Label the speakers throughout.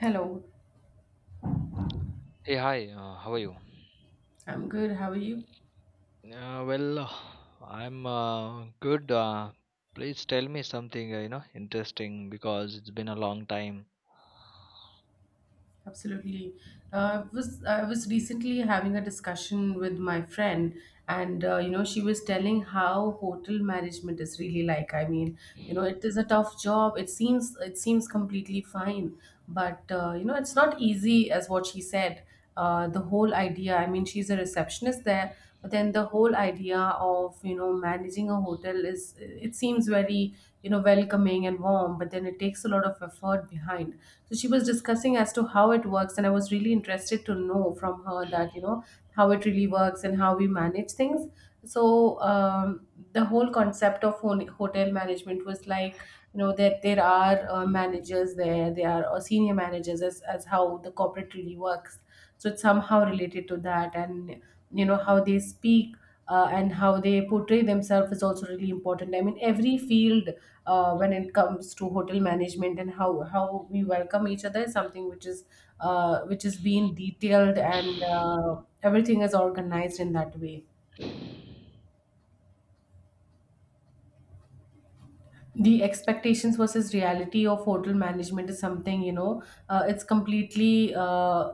Speaker 1: Hello,
Speaker 2: Hey, hi, how are you?
Speaker 1: I'm good. How are you?
Speaker 2: Uh, well, uh, I'm good. Please tell me something, interesting because it's been a long time.
Speaker 1: Absolutely. I was recently having a discussion with my friend, and you know, she was telling how hotel management is really like. I mean, you know, it is a tough job. It seems completely fine, but you know, it's not easy as what she said. The whole idea, I mean, she's a receptionist there, but then the whole idea of, you know, managing a hotel is, it seems very, you know, welcoming and warm, but then it takes a lot of effort behind. So she was discussing as to how it works, and I was really interested to know from her that, you know, how it really works and how we manage things. So the whole concept of hotel management was like, you know, that there are managers, there are senior managers, as how the corporate really works. So it's somehow related to that. And you know how they speak and how they portray themselves is also really important. I mean, every field, when it comes to hotel management, and how we welcome each other, is something which is being detailed, and everything is organized in that way. The expectations versus reality of hotel management is something, you know, it's completely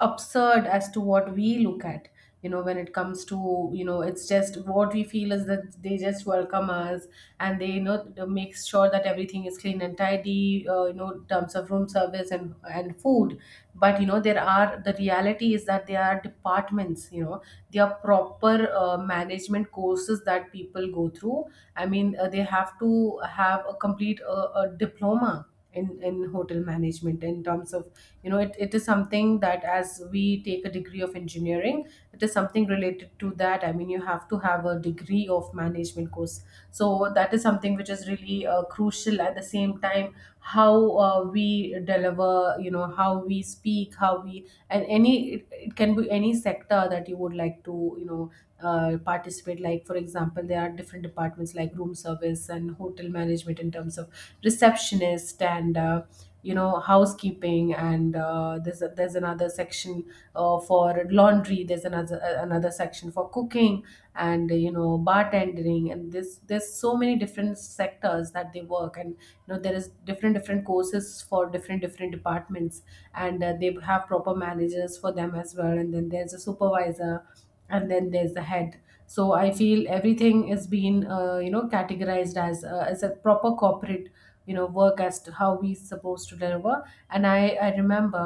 Speaker 1: absurd as to what we look at, you know. When it comes to, you know, it's just what we feel is that they just welcome us, and they, you know, they make sure that everything is clean and tidy, you know, in terms of room service and food. But you know, there are, the reality is that there are departments, you know. There are proper management courses that people go through. I mean, they have to have a complete a diploma in hotel management in terms of, you know, it is something that, as we take a degree of engineering, it is something related to that. I mean, you have to have a degree of management course. So that is something which is really crucial. At the same time, how we deliver, you know, how we speak, how we, and any, it can be any sector that you would like to, you know, participate. Like, for example, there are different departments like room service and hotel management, in terms of receptionist and you know, housekeeping, and there's a, there's another section for laundry. There's another another section for cooking and, you know, bartending and this. There's so many different sectors that they work, and you know, there is different different courses for different different departments. And they have proper managers for them as well, and then there's a supervisor, and then there's the head. So I feel everything is being you know, categorized as a proper corporate, you know, work, as to how we supposed to deliver. And I remember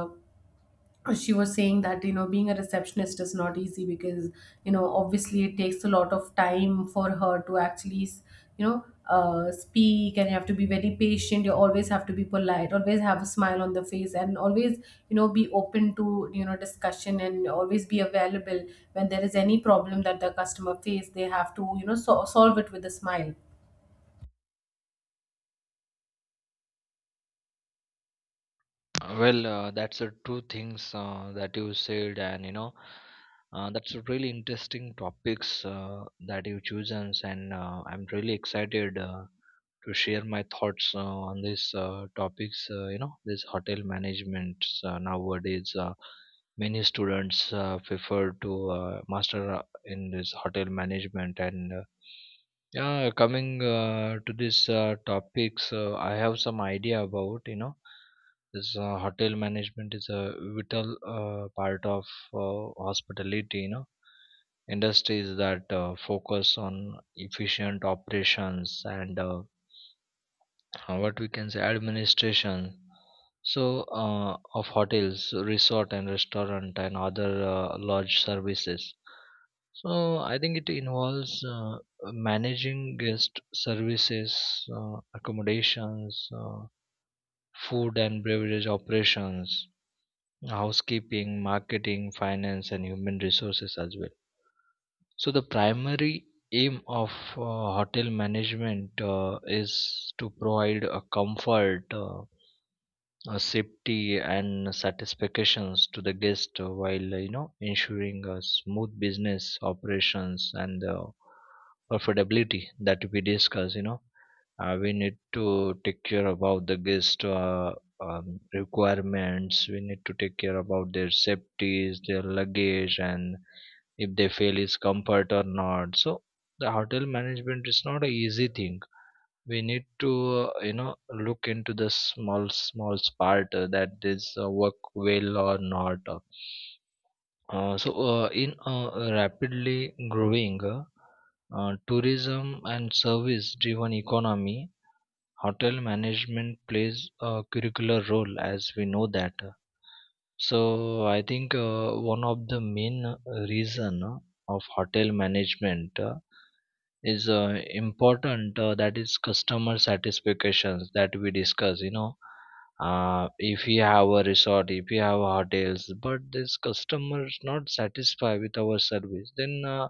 Speaker 1: she was saying that, you know, being a receptionist is not easy because, you know, obviously it takes a lot of time for her to actually, you know, speak, and you have to be very patient. You always have to be polite, always have a smile on the face, and always, you know, be open to, you know, discussion, and always be available. When there is any problem that the customer face, they have to, you know, solve it with a smile.
Speaker 2: That's two things that you said, and that's a really interesting topics that you chosen, and I'm really excited to share my thoughts on these topics. This hotel management nowadays, many students prefer to master in this hotel management, and yeah, coming to this topics, I have some idea about, this hotel management is a vital part of hospitality, industries that focus on efficient operations and what we can say administration. So, of hotels, resort and restaurant and other lodge services. So I think it involves managing guest services, accommodations, food and beverage operations, housekeeping, marketing, finance, and human resources as well. So the primary aim of hotel management is to provide a comfort. Safety and satisfactions to the guest while ensuring smooth business operations and profitability that we discuss, we need to take care about the guest, requirements. We need to take care about their safeties, their luggage, and if they feel is comfort or not. So the hotel management is not a easy thing. We need to uh, you know look into the small part that this work well or not. So in a rapidly growing tourism and service driven economy, hotel management plays a curricular role, as we know that. So I think one of the main reason of hotel management is important that is customer satisfactions, that we discuss, you know. If we have a resort, if we have hotels, but this customer is not satisfied with our service, then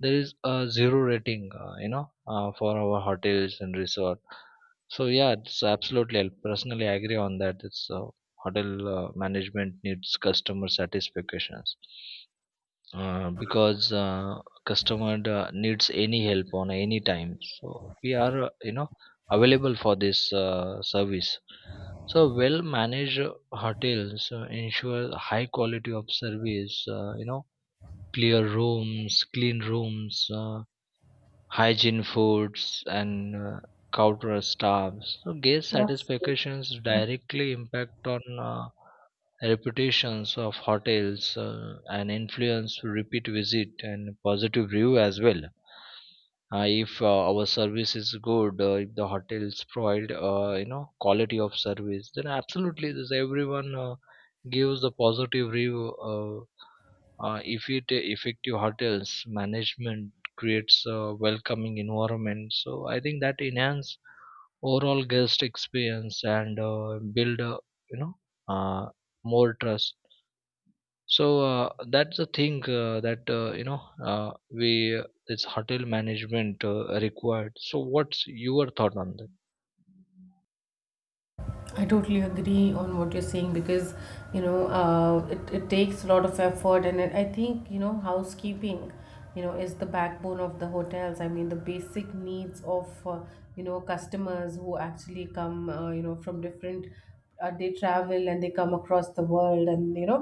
Speaker 2: there is a zero rating, for our hotels and resort. So yeah, it's absolutely, I personally agree on that. It's hotel management needs customer satisfactions, because customer needs any help on any time, so we are available for this service. So well managed hotels ensure high quality of service, clear rooms, clean rooms, hygiene foods and counter staffs. So guest
Speaker 1: Yes.
Speaker 2: satisfactions directly impact on reputations of hotels and influence repeat visit and positive review as well. If our service is good, if the hotels provide quality of service, then absolutely this everyone gives the positive review. uh, if it effective hotels management creates a welcoming environment, so I think that enhance overall guest experience and build you know uh, more trust. So that's the thing that we this hotel management required. So what's your thought on that?
Speaker 1: I totally agree on what you're saying, because, you know, it takes a lot of effort, and I think, you know, housekeeping, you know, is the backbone of the hotels. I mean, the basic needs of you know, customers who actually come you know, from different they travel, and they come across the world. And you know,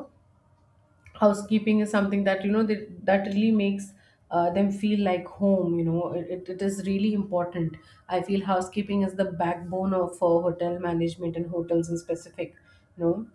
Speaker 1: housekeeping is something that, you know, that really makes them feel like home. You know, it is really important. I feel housekeeping is the backbone of hotel management and hotels in specific, you know.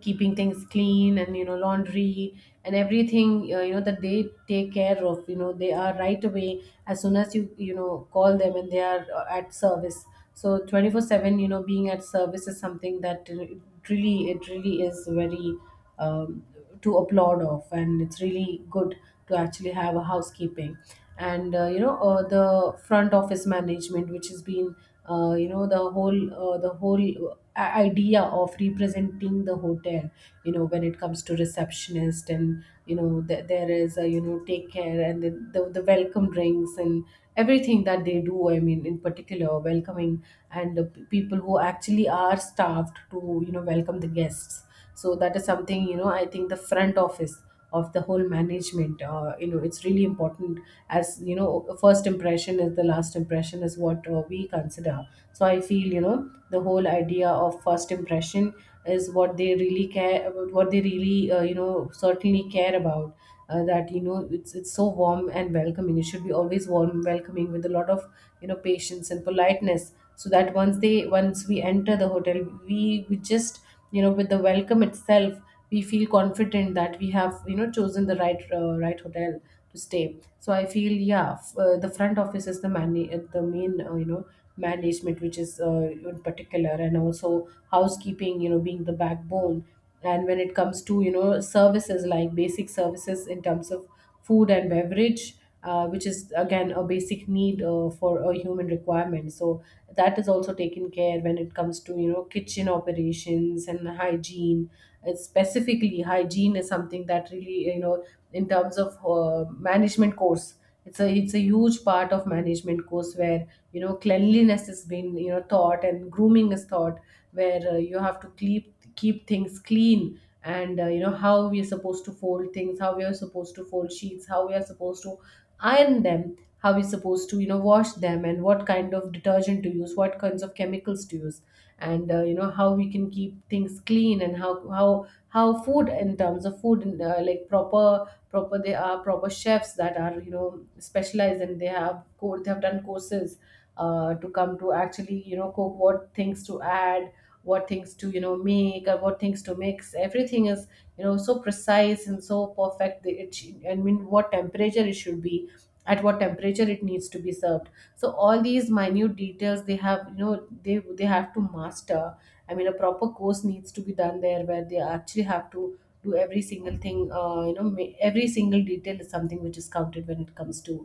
Speaker 1: Keeping things clean, and you know, laundry and everything, you know, that they take care of, you know. They are right away as soon as you, you know, call them, and they are at service. So 24/7, you know, being at service is something that it really, it really is very um, to applaud of, and it's really good to actually have a housekeeping. And you know, the front office management, which has been you know, the whole idea of representing the hotel, you know, when it comes to receptionist, and you know, there is a, you know, take care, and the welcome drinks, and everything that they do. I mean, in particular, welcoming, and people who actually are staffed to, you know, welcome the guests. So that is something, you know, I think the front office of the whole management, you know, it's really important, as you know, first impression is the last impression is what we consider. So I feel, you know, the whole idea of first impression is what they really care about, what they really you know, certainly care about, that you know, it's so warm and welcoming. It should be always warm welcoming with a lot of, you know, patience and politeness, so that once they, once we enter the hotel, we just, you know, with the welcome itself, we feel confident that we have, you know, chosen the right right hotel to stay. So I feel, yeah, the front office is the man, the main you know, management, which is in particular, and also housekeeping, you know, being the backbone. And when it comes to, you know, services, like basic services in terms of food and beverage, which is again a basic need for a human requirement. So that is also taken care when it comes to, you know, kitchen operations and hygiene. And specifically, hygiene is something that really, you know, in terms of management course. It's a huge part of management course, where, you know, cleanliness has been, you know, taught, and grooming is taught, where you have to keep things clean, and you know, how we are supposed to fold things, how we are supposed to fold sheets, how we are supposed to iron them, how we're supposed to, you know, wash them, and what kind of detergent to use, what kinds of chemicals to use, and you know, how we can keep things clean, and how food in terms of food and, like, proper they are proper chefs that are, you know, specialized, and they have they have done courses to come to actually, you know, cook. What things to add, what things to, you know, make, or what things to mix. Everything is, you know, so precise and so perfect. I mean, what temperature it should be at, what temperature it needs to be served. So all these minute details, they have, you know, they have to master. I mean, a proper course needs to be done there, where they actually have to do every single thing. Uh, you know ma- Every single detail is something which is counted when it comes to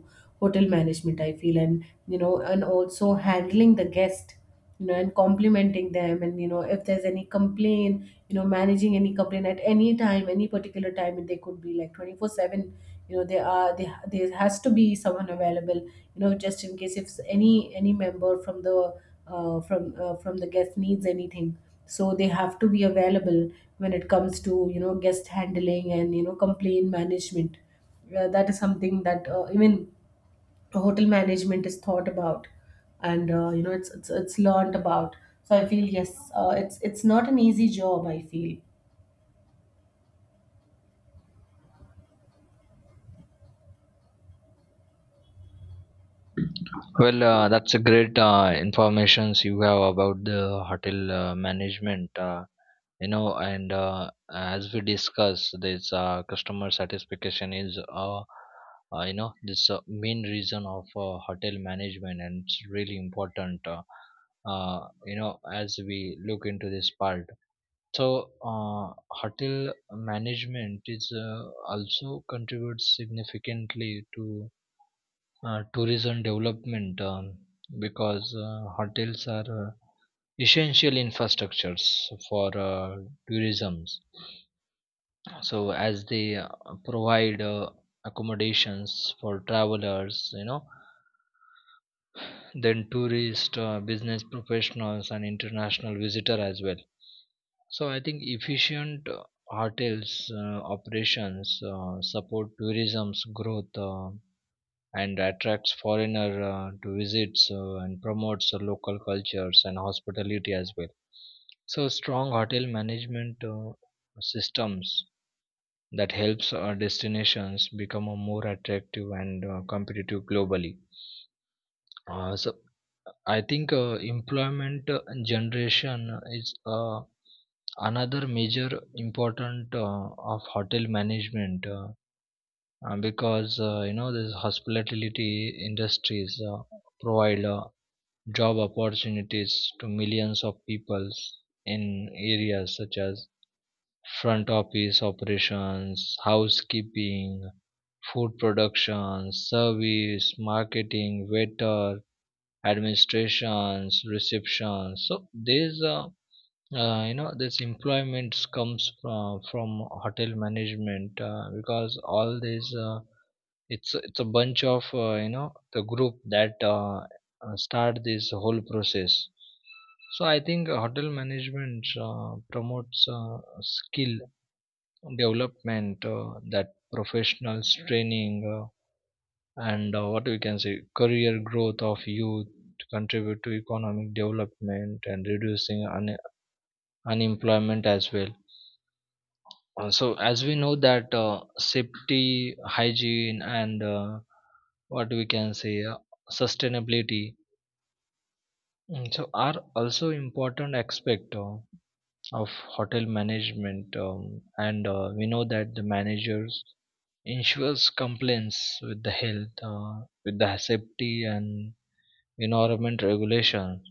Speaker 1: hotel management, I feel. And you know, and also handling the guest, you know, and complimenting them, and you know, if there's any complaint, you know, managing any complaint at any time, any particular time. And they could be like 24/7, you know, they are, they, there has to be someone available, you know, just in case if any member from the from the guest needs anything. So they have to be available when it comes to, you know, guest handling, and you know, complaint management. That is something that even hotel management is thought about, and you know, it's learned about. So I feel, yes, it's not an easy job, I feel.
Speaker 2: Well, that's a great informations you have about the hotel management. And as we discussed, this customer satisfaction is this main reason of hotel management, and it's really important. As we look into this part. So, hotel management is also contributes significantly to tourism development, because hotels are essential infrastructures for tourism. So, as they provide accommodations for travelers, then tourists, business professionals, and international visitor as well. So I think efficient hotels operations support tourism's growth and attracts foreigner to visits and promotes the local cultures and hospitality as well. So strong hotel management systems that helps our destinations become a more attractive and competitive globally. So I think employment generation is another major important of hotel management, because this hospitality industries provide job opportunities to millions of people in areas such as front office operations, housekeeping, food production, service, marketing, waiter, administrations, receptions. So there's this employment comes from hotel management, because all these it's a bunch of the group that start this whole process. So I think hotel management promotes skill development that professionals training and what we can say career growth of youth to contribute to economic development and reducing unemployment as well. So as we know that, safety, hygiene and what we can say sustainability, so are also important aspect of hotel management, and we know that the managers ensures compliance with the health with the safety and environment regulation.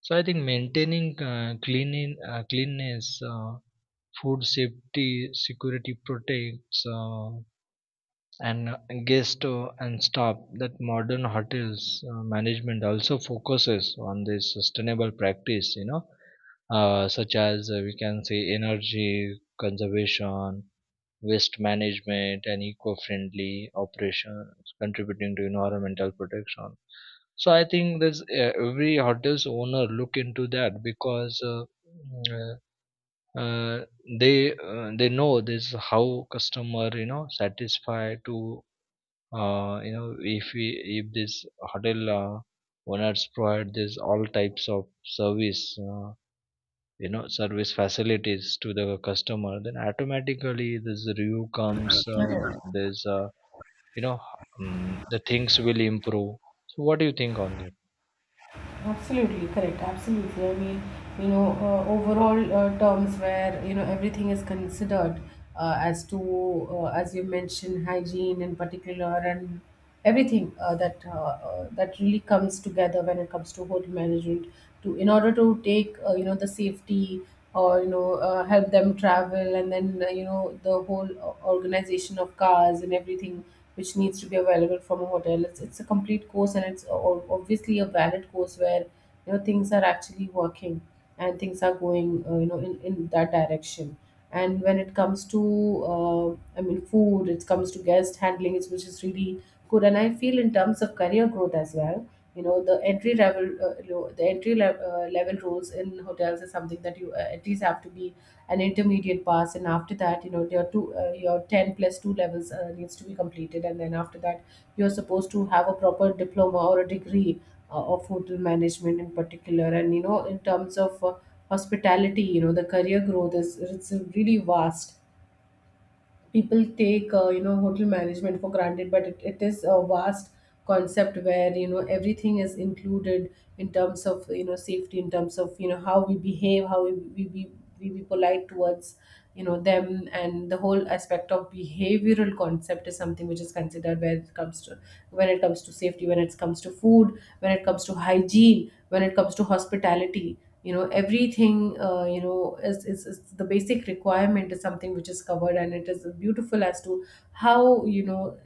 Speaker 2: So I think maintaining cleanness, food safety, security protects, and guest and staff. That modern hotels management also focuses on this sustainable practice. Such as we can say energy conservation, waste management and eco-friendly operations contributing to environmental protection. So I think there's every hotels owner look into that, because mm, uh, uh, they know this how customer you know satisfied to if we, if this hotel owners provide this all types of service, service facilities to the customer, then automatically this review comes.
Speaker 1: Correct.
Speaker 2: There's you know The things will improve. So what do you think on that?
Speaker 1: Absolutely correct. Absolutely. I mean, overall terms where you know everything is considered as to as you mentioned hygiene in particular and everything that really comes together when it comes to hotel management to in order to take you know the safety or help them travel and then you know the whole organization of cars and everything which needs to be available from a hotel. It's a complete course and it's obviously a valid course where you know things are actually working and things are going you know in that direction. And when it comes to I mean food, it comes to guest handling it's, which is really good. And I feel in terms of career growth as well, you know the entry level the entry level, level roles in hotels is something that you at least have to be an intermediate pass, and after that you know your two your 10 plus 2 levels needs to be completed, and then after that you're supposed to have a proper diploma or a degree of hotel management in particular. And you know in terms of hospitality, you know the career growth is it's really vast. People take you know hotel management for granted, but it is a vast concept where you know everything is included in terms of you know safety, in terms of you know how we behave, how we be polite towards you know them. And the whole aspect of behavioral concept is something which is considered when it comes to when it comes to safety, when it comes to food, when it comes to hygiene, when it comes to hospitality. You know everything you know is the basic requirement is something which is covered, and it is beautiful as to how you know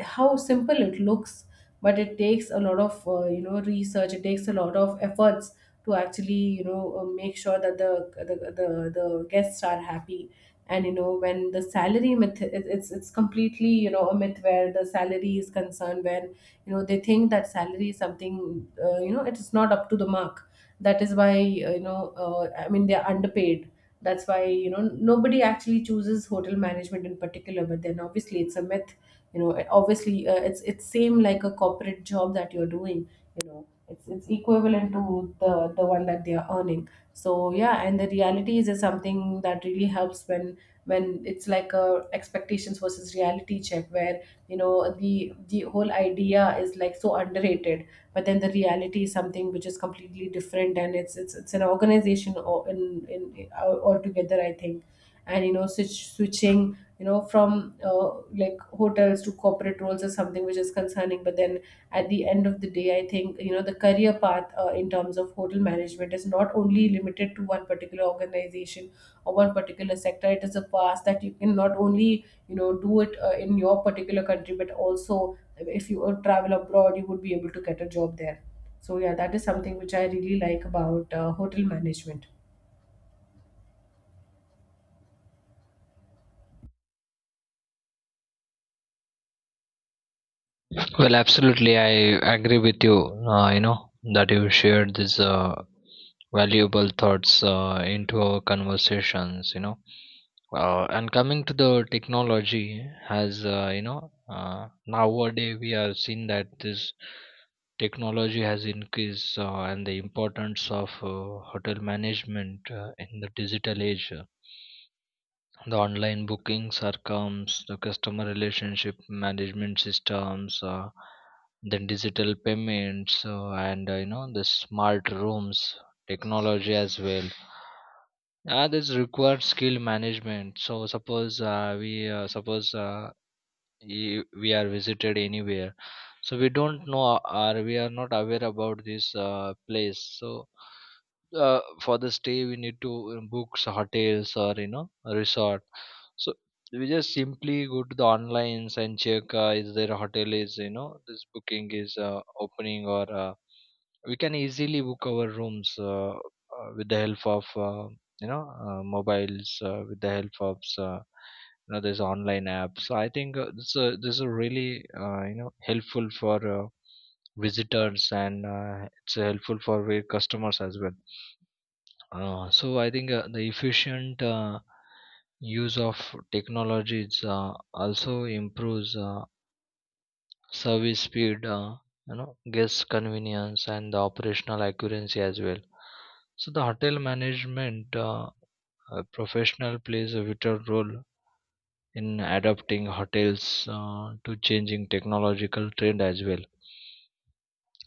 Speaker 1: how simple it looks. But it takes a lot of you know research, it takes a lot of efforts to actually make sure that the guests are happy. And you know when the salary myth, it's it's completely you know a myth where the salary is concerned, where you know they think that salary is something you know it is not up to the mark. That is why I mean they are underpaid. That's why you know nobody actually chooses hotel management in particular, but then obviously it's a myth. You know obviously it's same like a corporate job that you're doing. You know it's equivalent to the one that they are earning, so yeah. And the reality is something that really helps when it's like a expectations versus reality check, where you know the whole idea is like so underrated. But then the reality is something which is completely different, and it's it's an organization or in altogether I think. And you know switching you know from like hotels to corporate roles is something which is concerning, but then at the end of the day I think you know the career path in terms of hotel management is not only limited to one particular organization or one particular sector. It is a past that you can not only you know do it in your particular country, but also if you travel abroad you would be able to get a job there. So yeah, that is something which I really like about hotel management.
Speaker 2: Well, absolutely, I agree with you. You know that you shared these valuable thoughts into our conversations, you know. And coming to the technology, has you know nowadays we have seen that this technology has increased and the importance of hotel management in the digital age, the online bookings are comes, the customer relationship management systems, then digital payments and the smart rooms technology as well. Yeah, this requires skill management. So suppose we are visited anywhere, so we don't know or we are not aware about this place. So for the stay, we need to book hotels or you know a resort. So we just simply go to the online and check is there a hotel, is you know this booking is opening, or we can easily book our rooms with the help of you know mobiles, with the help of this online app. So I think this this is really helpful for visitors, and it's helpful for our customers as well. So I think the efficient use of technologies also improves service speed, you know guest convenience and the operational accuracy as well. So the hotel management professional plays a vital role in adapting hotels to changing technological trend as well.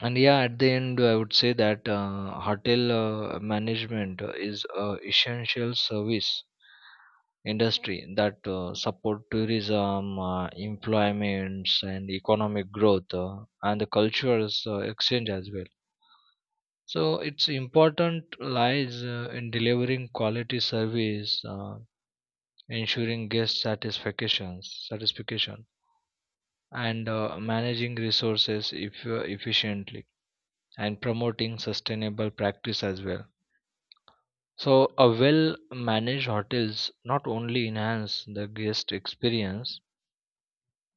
Speaker 2: And yeah, at the end I would say that hotel management is a essential service industry that support tourism, employments and economic growth, and the cultural exchange as well. So its important lies in delivering quality service, ensuring guest satisfaction, satisfaction, and managing resources if, efficiently and promoting sustainable practice as well. So a well managed hotels not only enhance the guest experience,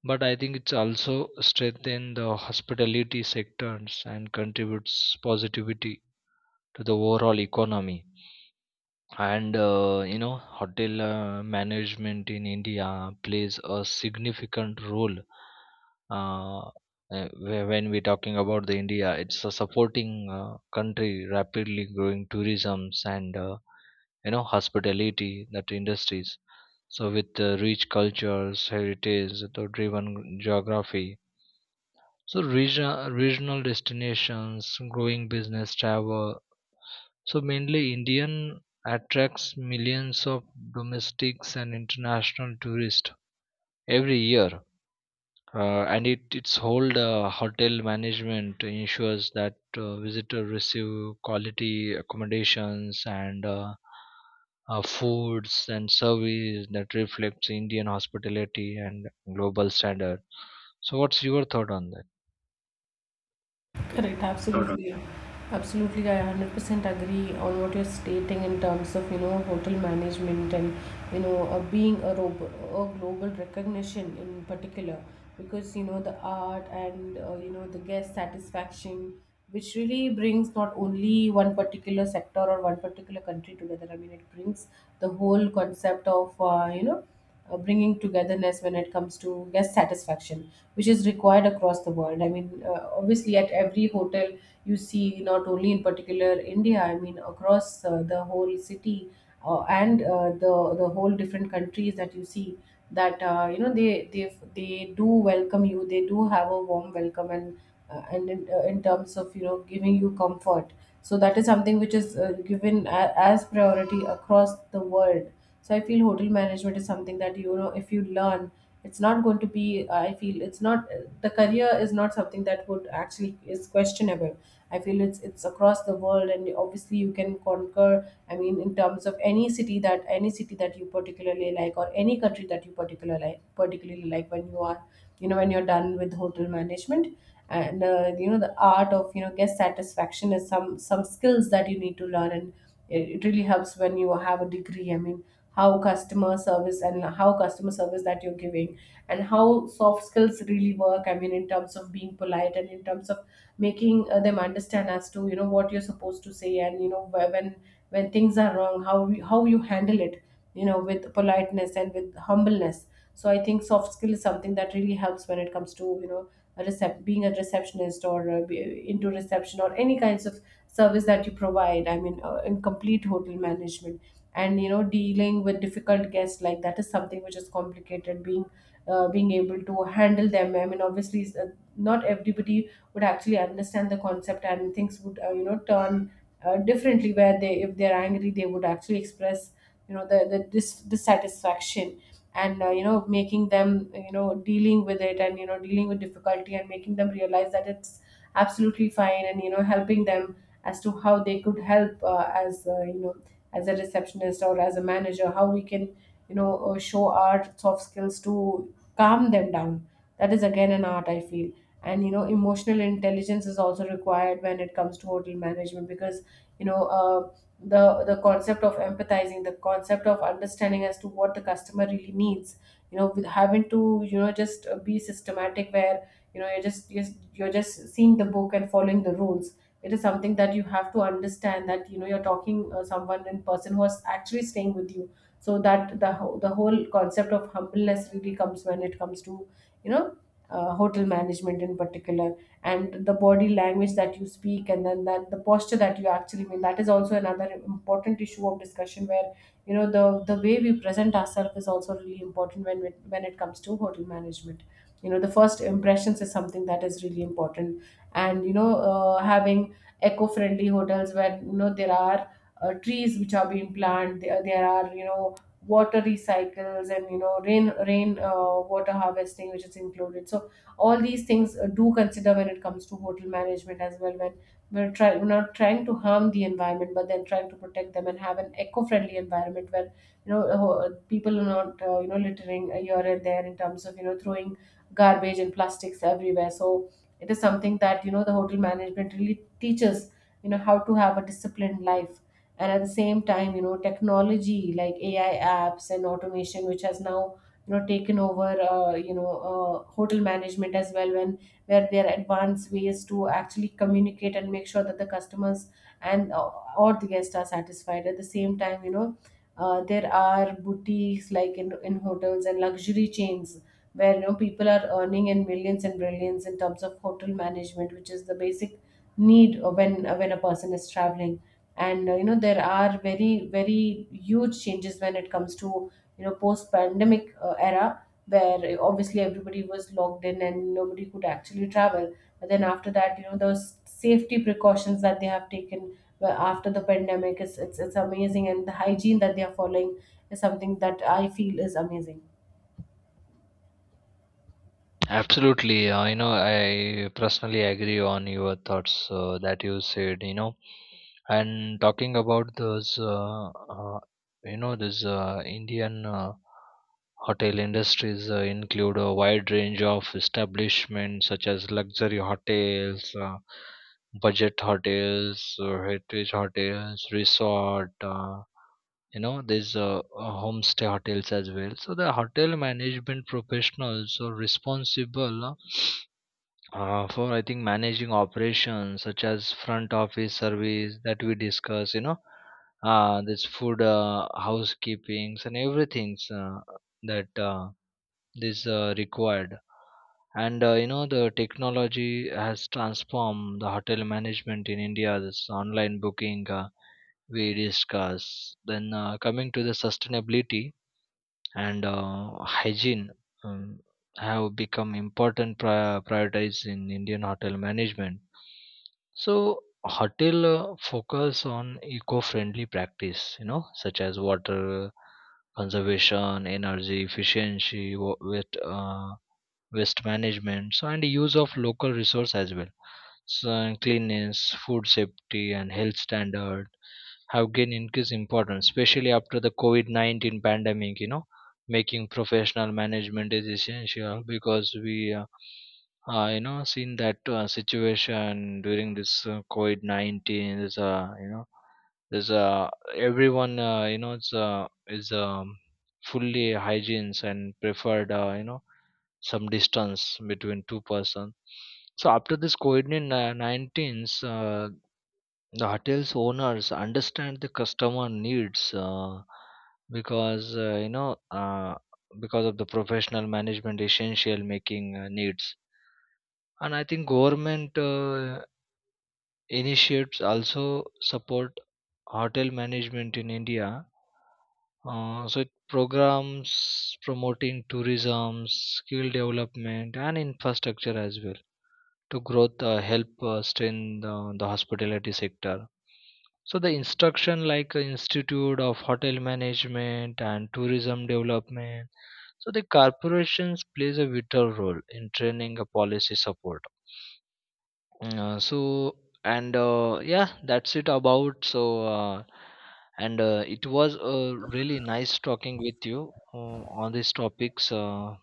Speaker 2: but I think it's also strengthen the hospitality sectors and contributes positivity to the overall economy. And hotel management in India plays a significant role, uh, when we're talking about the India. It's a supporting country, rapidly growing tourism's and hospitality that industries. So with rich cultures heritage, the driven geography, so regional destinations, growing business travel. So mainly Indian attracts millions of domestics and international tourists every year. And it, its whole hotel management ensures that visitors receive quality accommodations and foods and service that reflects Indian hospitality and global standard. So, what's your thought on that?
Speaker 1: Correct, Sort absolutely. Absolutely, I 100% agree on what you're stating in terms of, you know, hotel management and, you know, being a, a global recognition in particular because, you know, the art and, you know, the guest satisfaction, which really brings not only one particular sector or one particular country together. I mean, it brings the whole concept of, bringing togetherness when it comes to guest satisfaction, which is required across the world. I mean, obviously, at every hotel you see, not only in particular India, I mean, across the whole city and the whole different countries that you see that you know they do welcome you. They do have a warm welcome and in terms of you know giving you comfort. So that is something which is given a, as priority across the world. So I feel hotel management is something that you know if you learn it's not going to be I feel it's not the career is not something that would actually is questionable. I feel it's across the world, and obviously you can conquer, I mean in terms of any city that you particularly like or any country that you particularly like when you are you know when you're done with hotel management. And you know the art of you know guest satisfaction is some skills that you need to learn. And it really helps when you have a degree, I mean how customer service and how customer service that you're giving and how soft skills really work, I mean in terms of being polite and in terms of making them understand as to you know what you're supposed to say. And you know when things are wrong how how you handle it, you know with politeness and with humbleness. So I think soft skill is something that really helps when it comes to you know a being a receptionist or into reception or any kinds of service that you provide, I mean in complete hotel management. And you know dealing with difficult guests, like that is something which is complicated, being being able to handle them, I mean obviously it's, not everybody would actually understand the concept, and things would you know turn differently, where they if they're angry they would actually express you know the dissatisfaction. And you know making them you know dealing with it, and you know dealing with difficulty and making them realize that it's absolutely fine, and you know helping them as to how they could help as you know as a receptionist or as a manager how we can show our soft skills to calm them down. That is again an art I feel. And you know emotional intelligence is also required when it comes to hotel management, because you know uh, the concept of empathizing, the concept of understanding as to what the customer really needs, you know with having to you know just be systematic, where you know you're just you're just seeing the book and following the rules, it is something that you have to understand that you know you're talking someone in person who is actually staying with you. So that the whole concept of humbleness really comes when it comes to you know hotel management in particular. And the body language that you speak and then that the posture that you actually mean, that is also another important issue of discussion, where you know the way we present ourselves is also really important when when it comes to hotel management. You know the first impressions is something that is really important. And having eco-friendly hotels where you know there are trees which are being planted, there are you know water recycles and you know rain water harvesting which is included. So all these things do consider when it comes to hotel management as well, when we're trying we're not trying to harm the environment, but then trying to protect them and have an eco-friendly environment where people are not you know littering here and there in terms of you know throwing garbage and plastics everywhere. So it is something that you know the hotel management really teaches you know how to have a disciplined life. And at the same time you know technology like AI apps and automation which has now you know taken over hotel management as well, when where there are advanced ways to actually communicate and make sure that the customers and or the guests are satisfied. At the same time you know there are boutiques like in hotels and luxury chains where you know people are earning in millions and billions in terms of hotel management, which is the basic need when when a person is traveling. And you know there are very very huge changes when it comes to you know post pandemic era, where obviously everybody was locked in and nobody could actually travel. But then after that you know those safety precautions that they have taken well, after the pandemic is it's amazing, and the hygiene that they are following is something that I feel is amazing.
Speaker 2: Absolutely, I personally agree on your thoughts that you said, you know. And talking about those, this Indian hotel industries include a wide range of establishments such as luxury hotels, budget hotels, heritage hotels, resort. There's homestay hotels as well. So the hotel management professionals are responsible for I think managing operations such as front office service that we discuss, this food, housekeepings and everything's that this required. And the technology has transformed the hotel management in India. This online booking we discuss. Then coming to the sustainability, and hygiene um, have become important priorities in Indian hotel management. So hotel focus on eco-friendly practice, such as water conservation, energy efficiency, wa- with waste management, so and use of local resource as well. So and cleanliness, food safety and health standard have gained increased importance, especially after the covid-19 pandemic. You know, making professional management is essential, because we seen that situation during this covid-19 is, there's a everyone you know it's is fully hygienes and preferred, some distance between two person. So after this covid-19s, the hotel's owners understand the customer needs, because you know because of the professional management essential making needs. And I think government Initiates also support hotel management in India. So it programs promoting tourism, skill development, and infrastructure as well to growth, help strengthen the hospitality sector. So the instruction like Institute of Hotel Management and Tourism Development. So the corporations plays a vital role in training a policy support. Mm, so and yeah, that's it about. So uh, and It was really nice talking with you on these topics.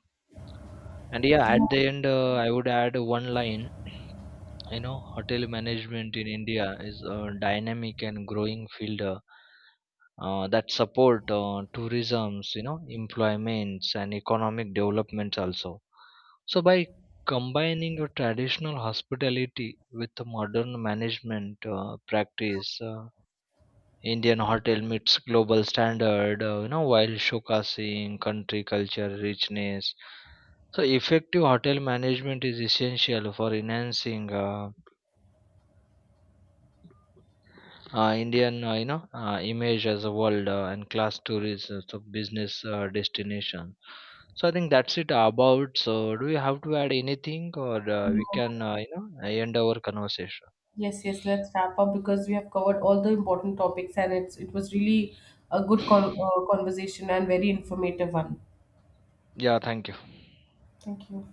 Speaker 2: And yeah, at the end, I would add one line. You know, hotel management in India is a dynamic and growing field, that support tourism's, you know, employments and economic developments also. So by combining your traditional hospitality with the modern management practice, Indian hotel meets global standard, while showcasing country culture richness. So effective hotel management is essential for enhancing Indian, image as a world and class tourist as a business destination. So I think that's it about. So do you have to add anything, or
Speaker 1: Yeah.
Speaker 2: we can, end our conversation?
Speaker 1: Yes, yes, let's wrap up because we have covered all the important topics, and it's it was really a good conversation and very informative one.
Speaker 2: Yeah, thank you.
Speaker 1: Thank you.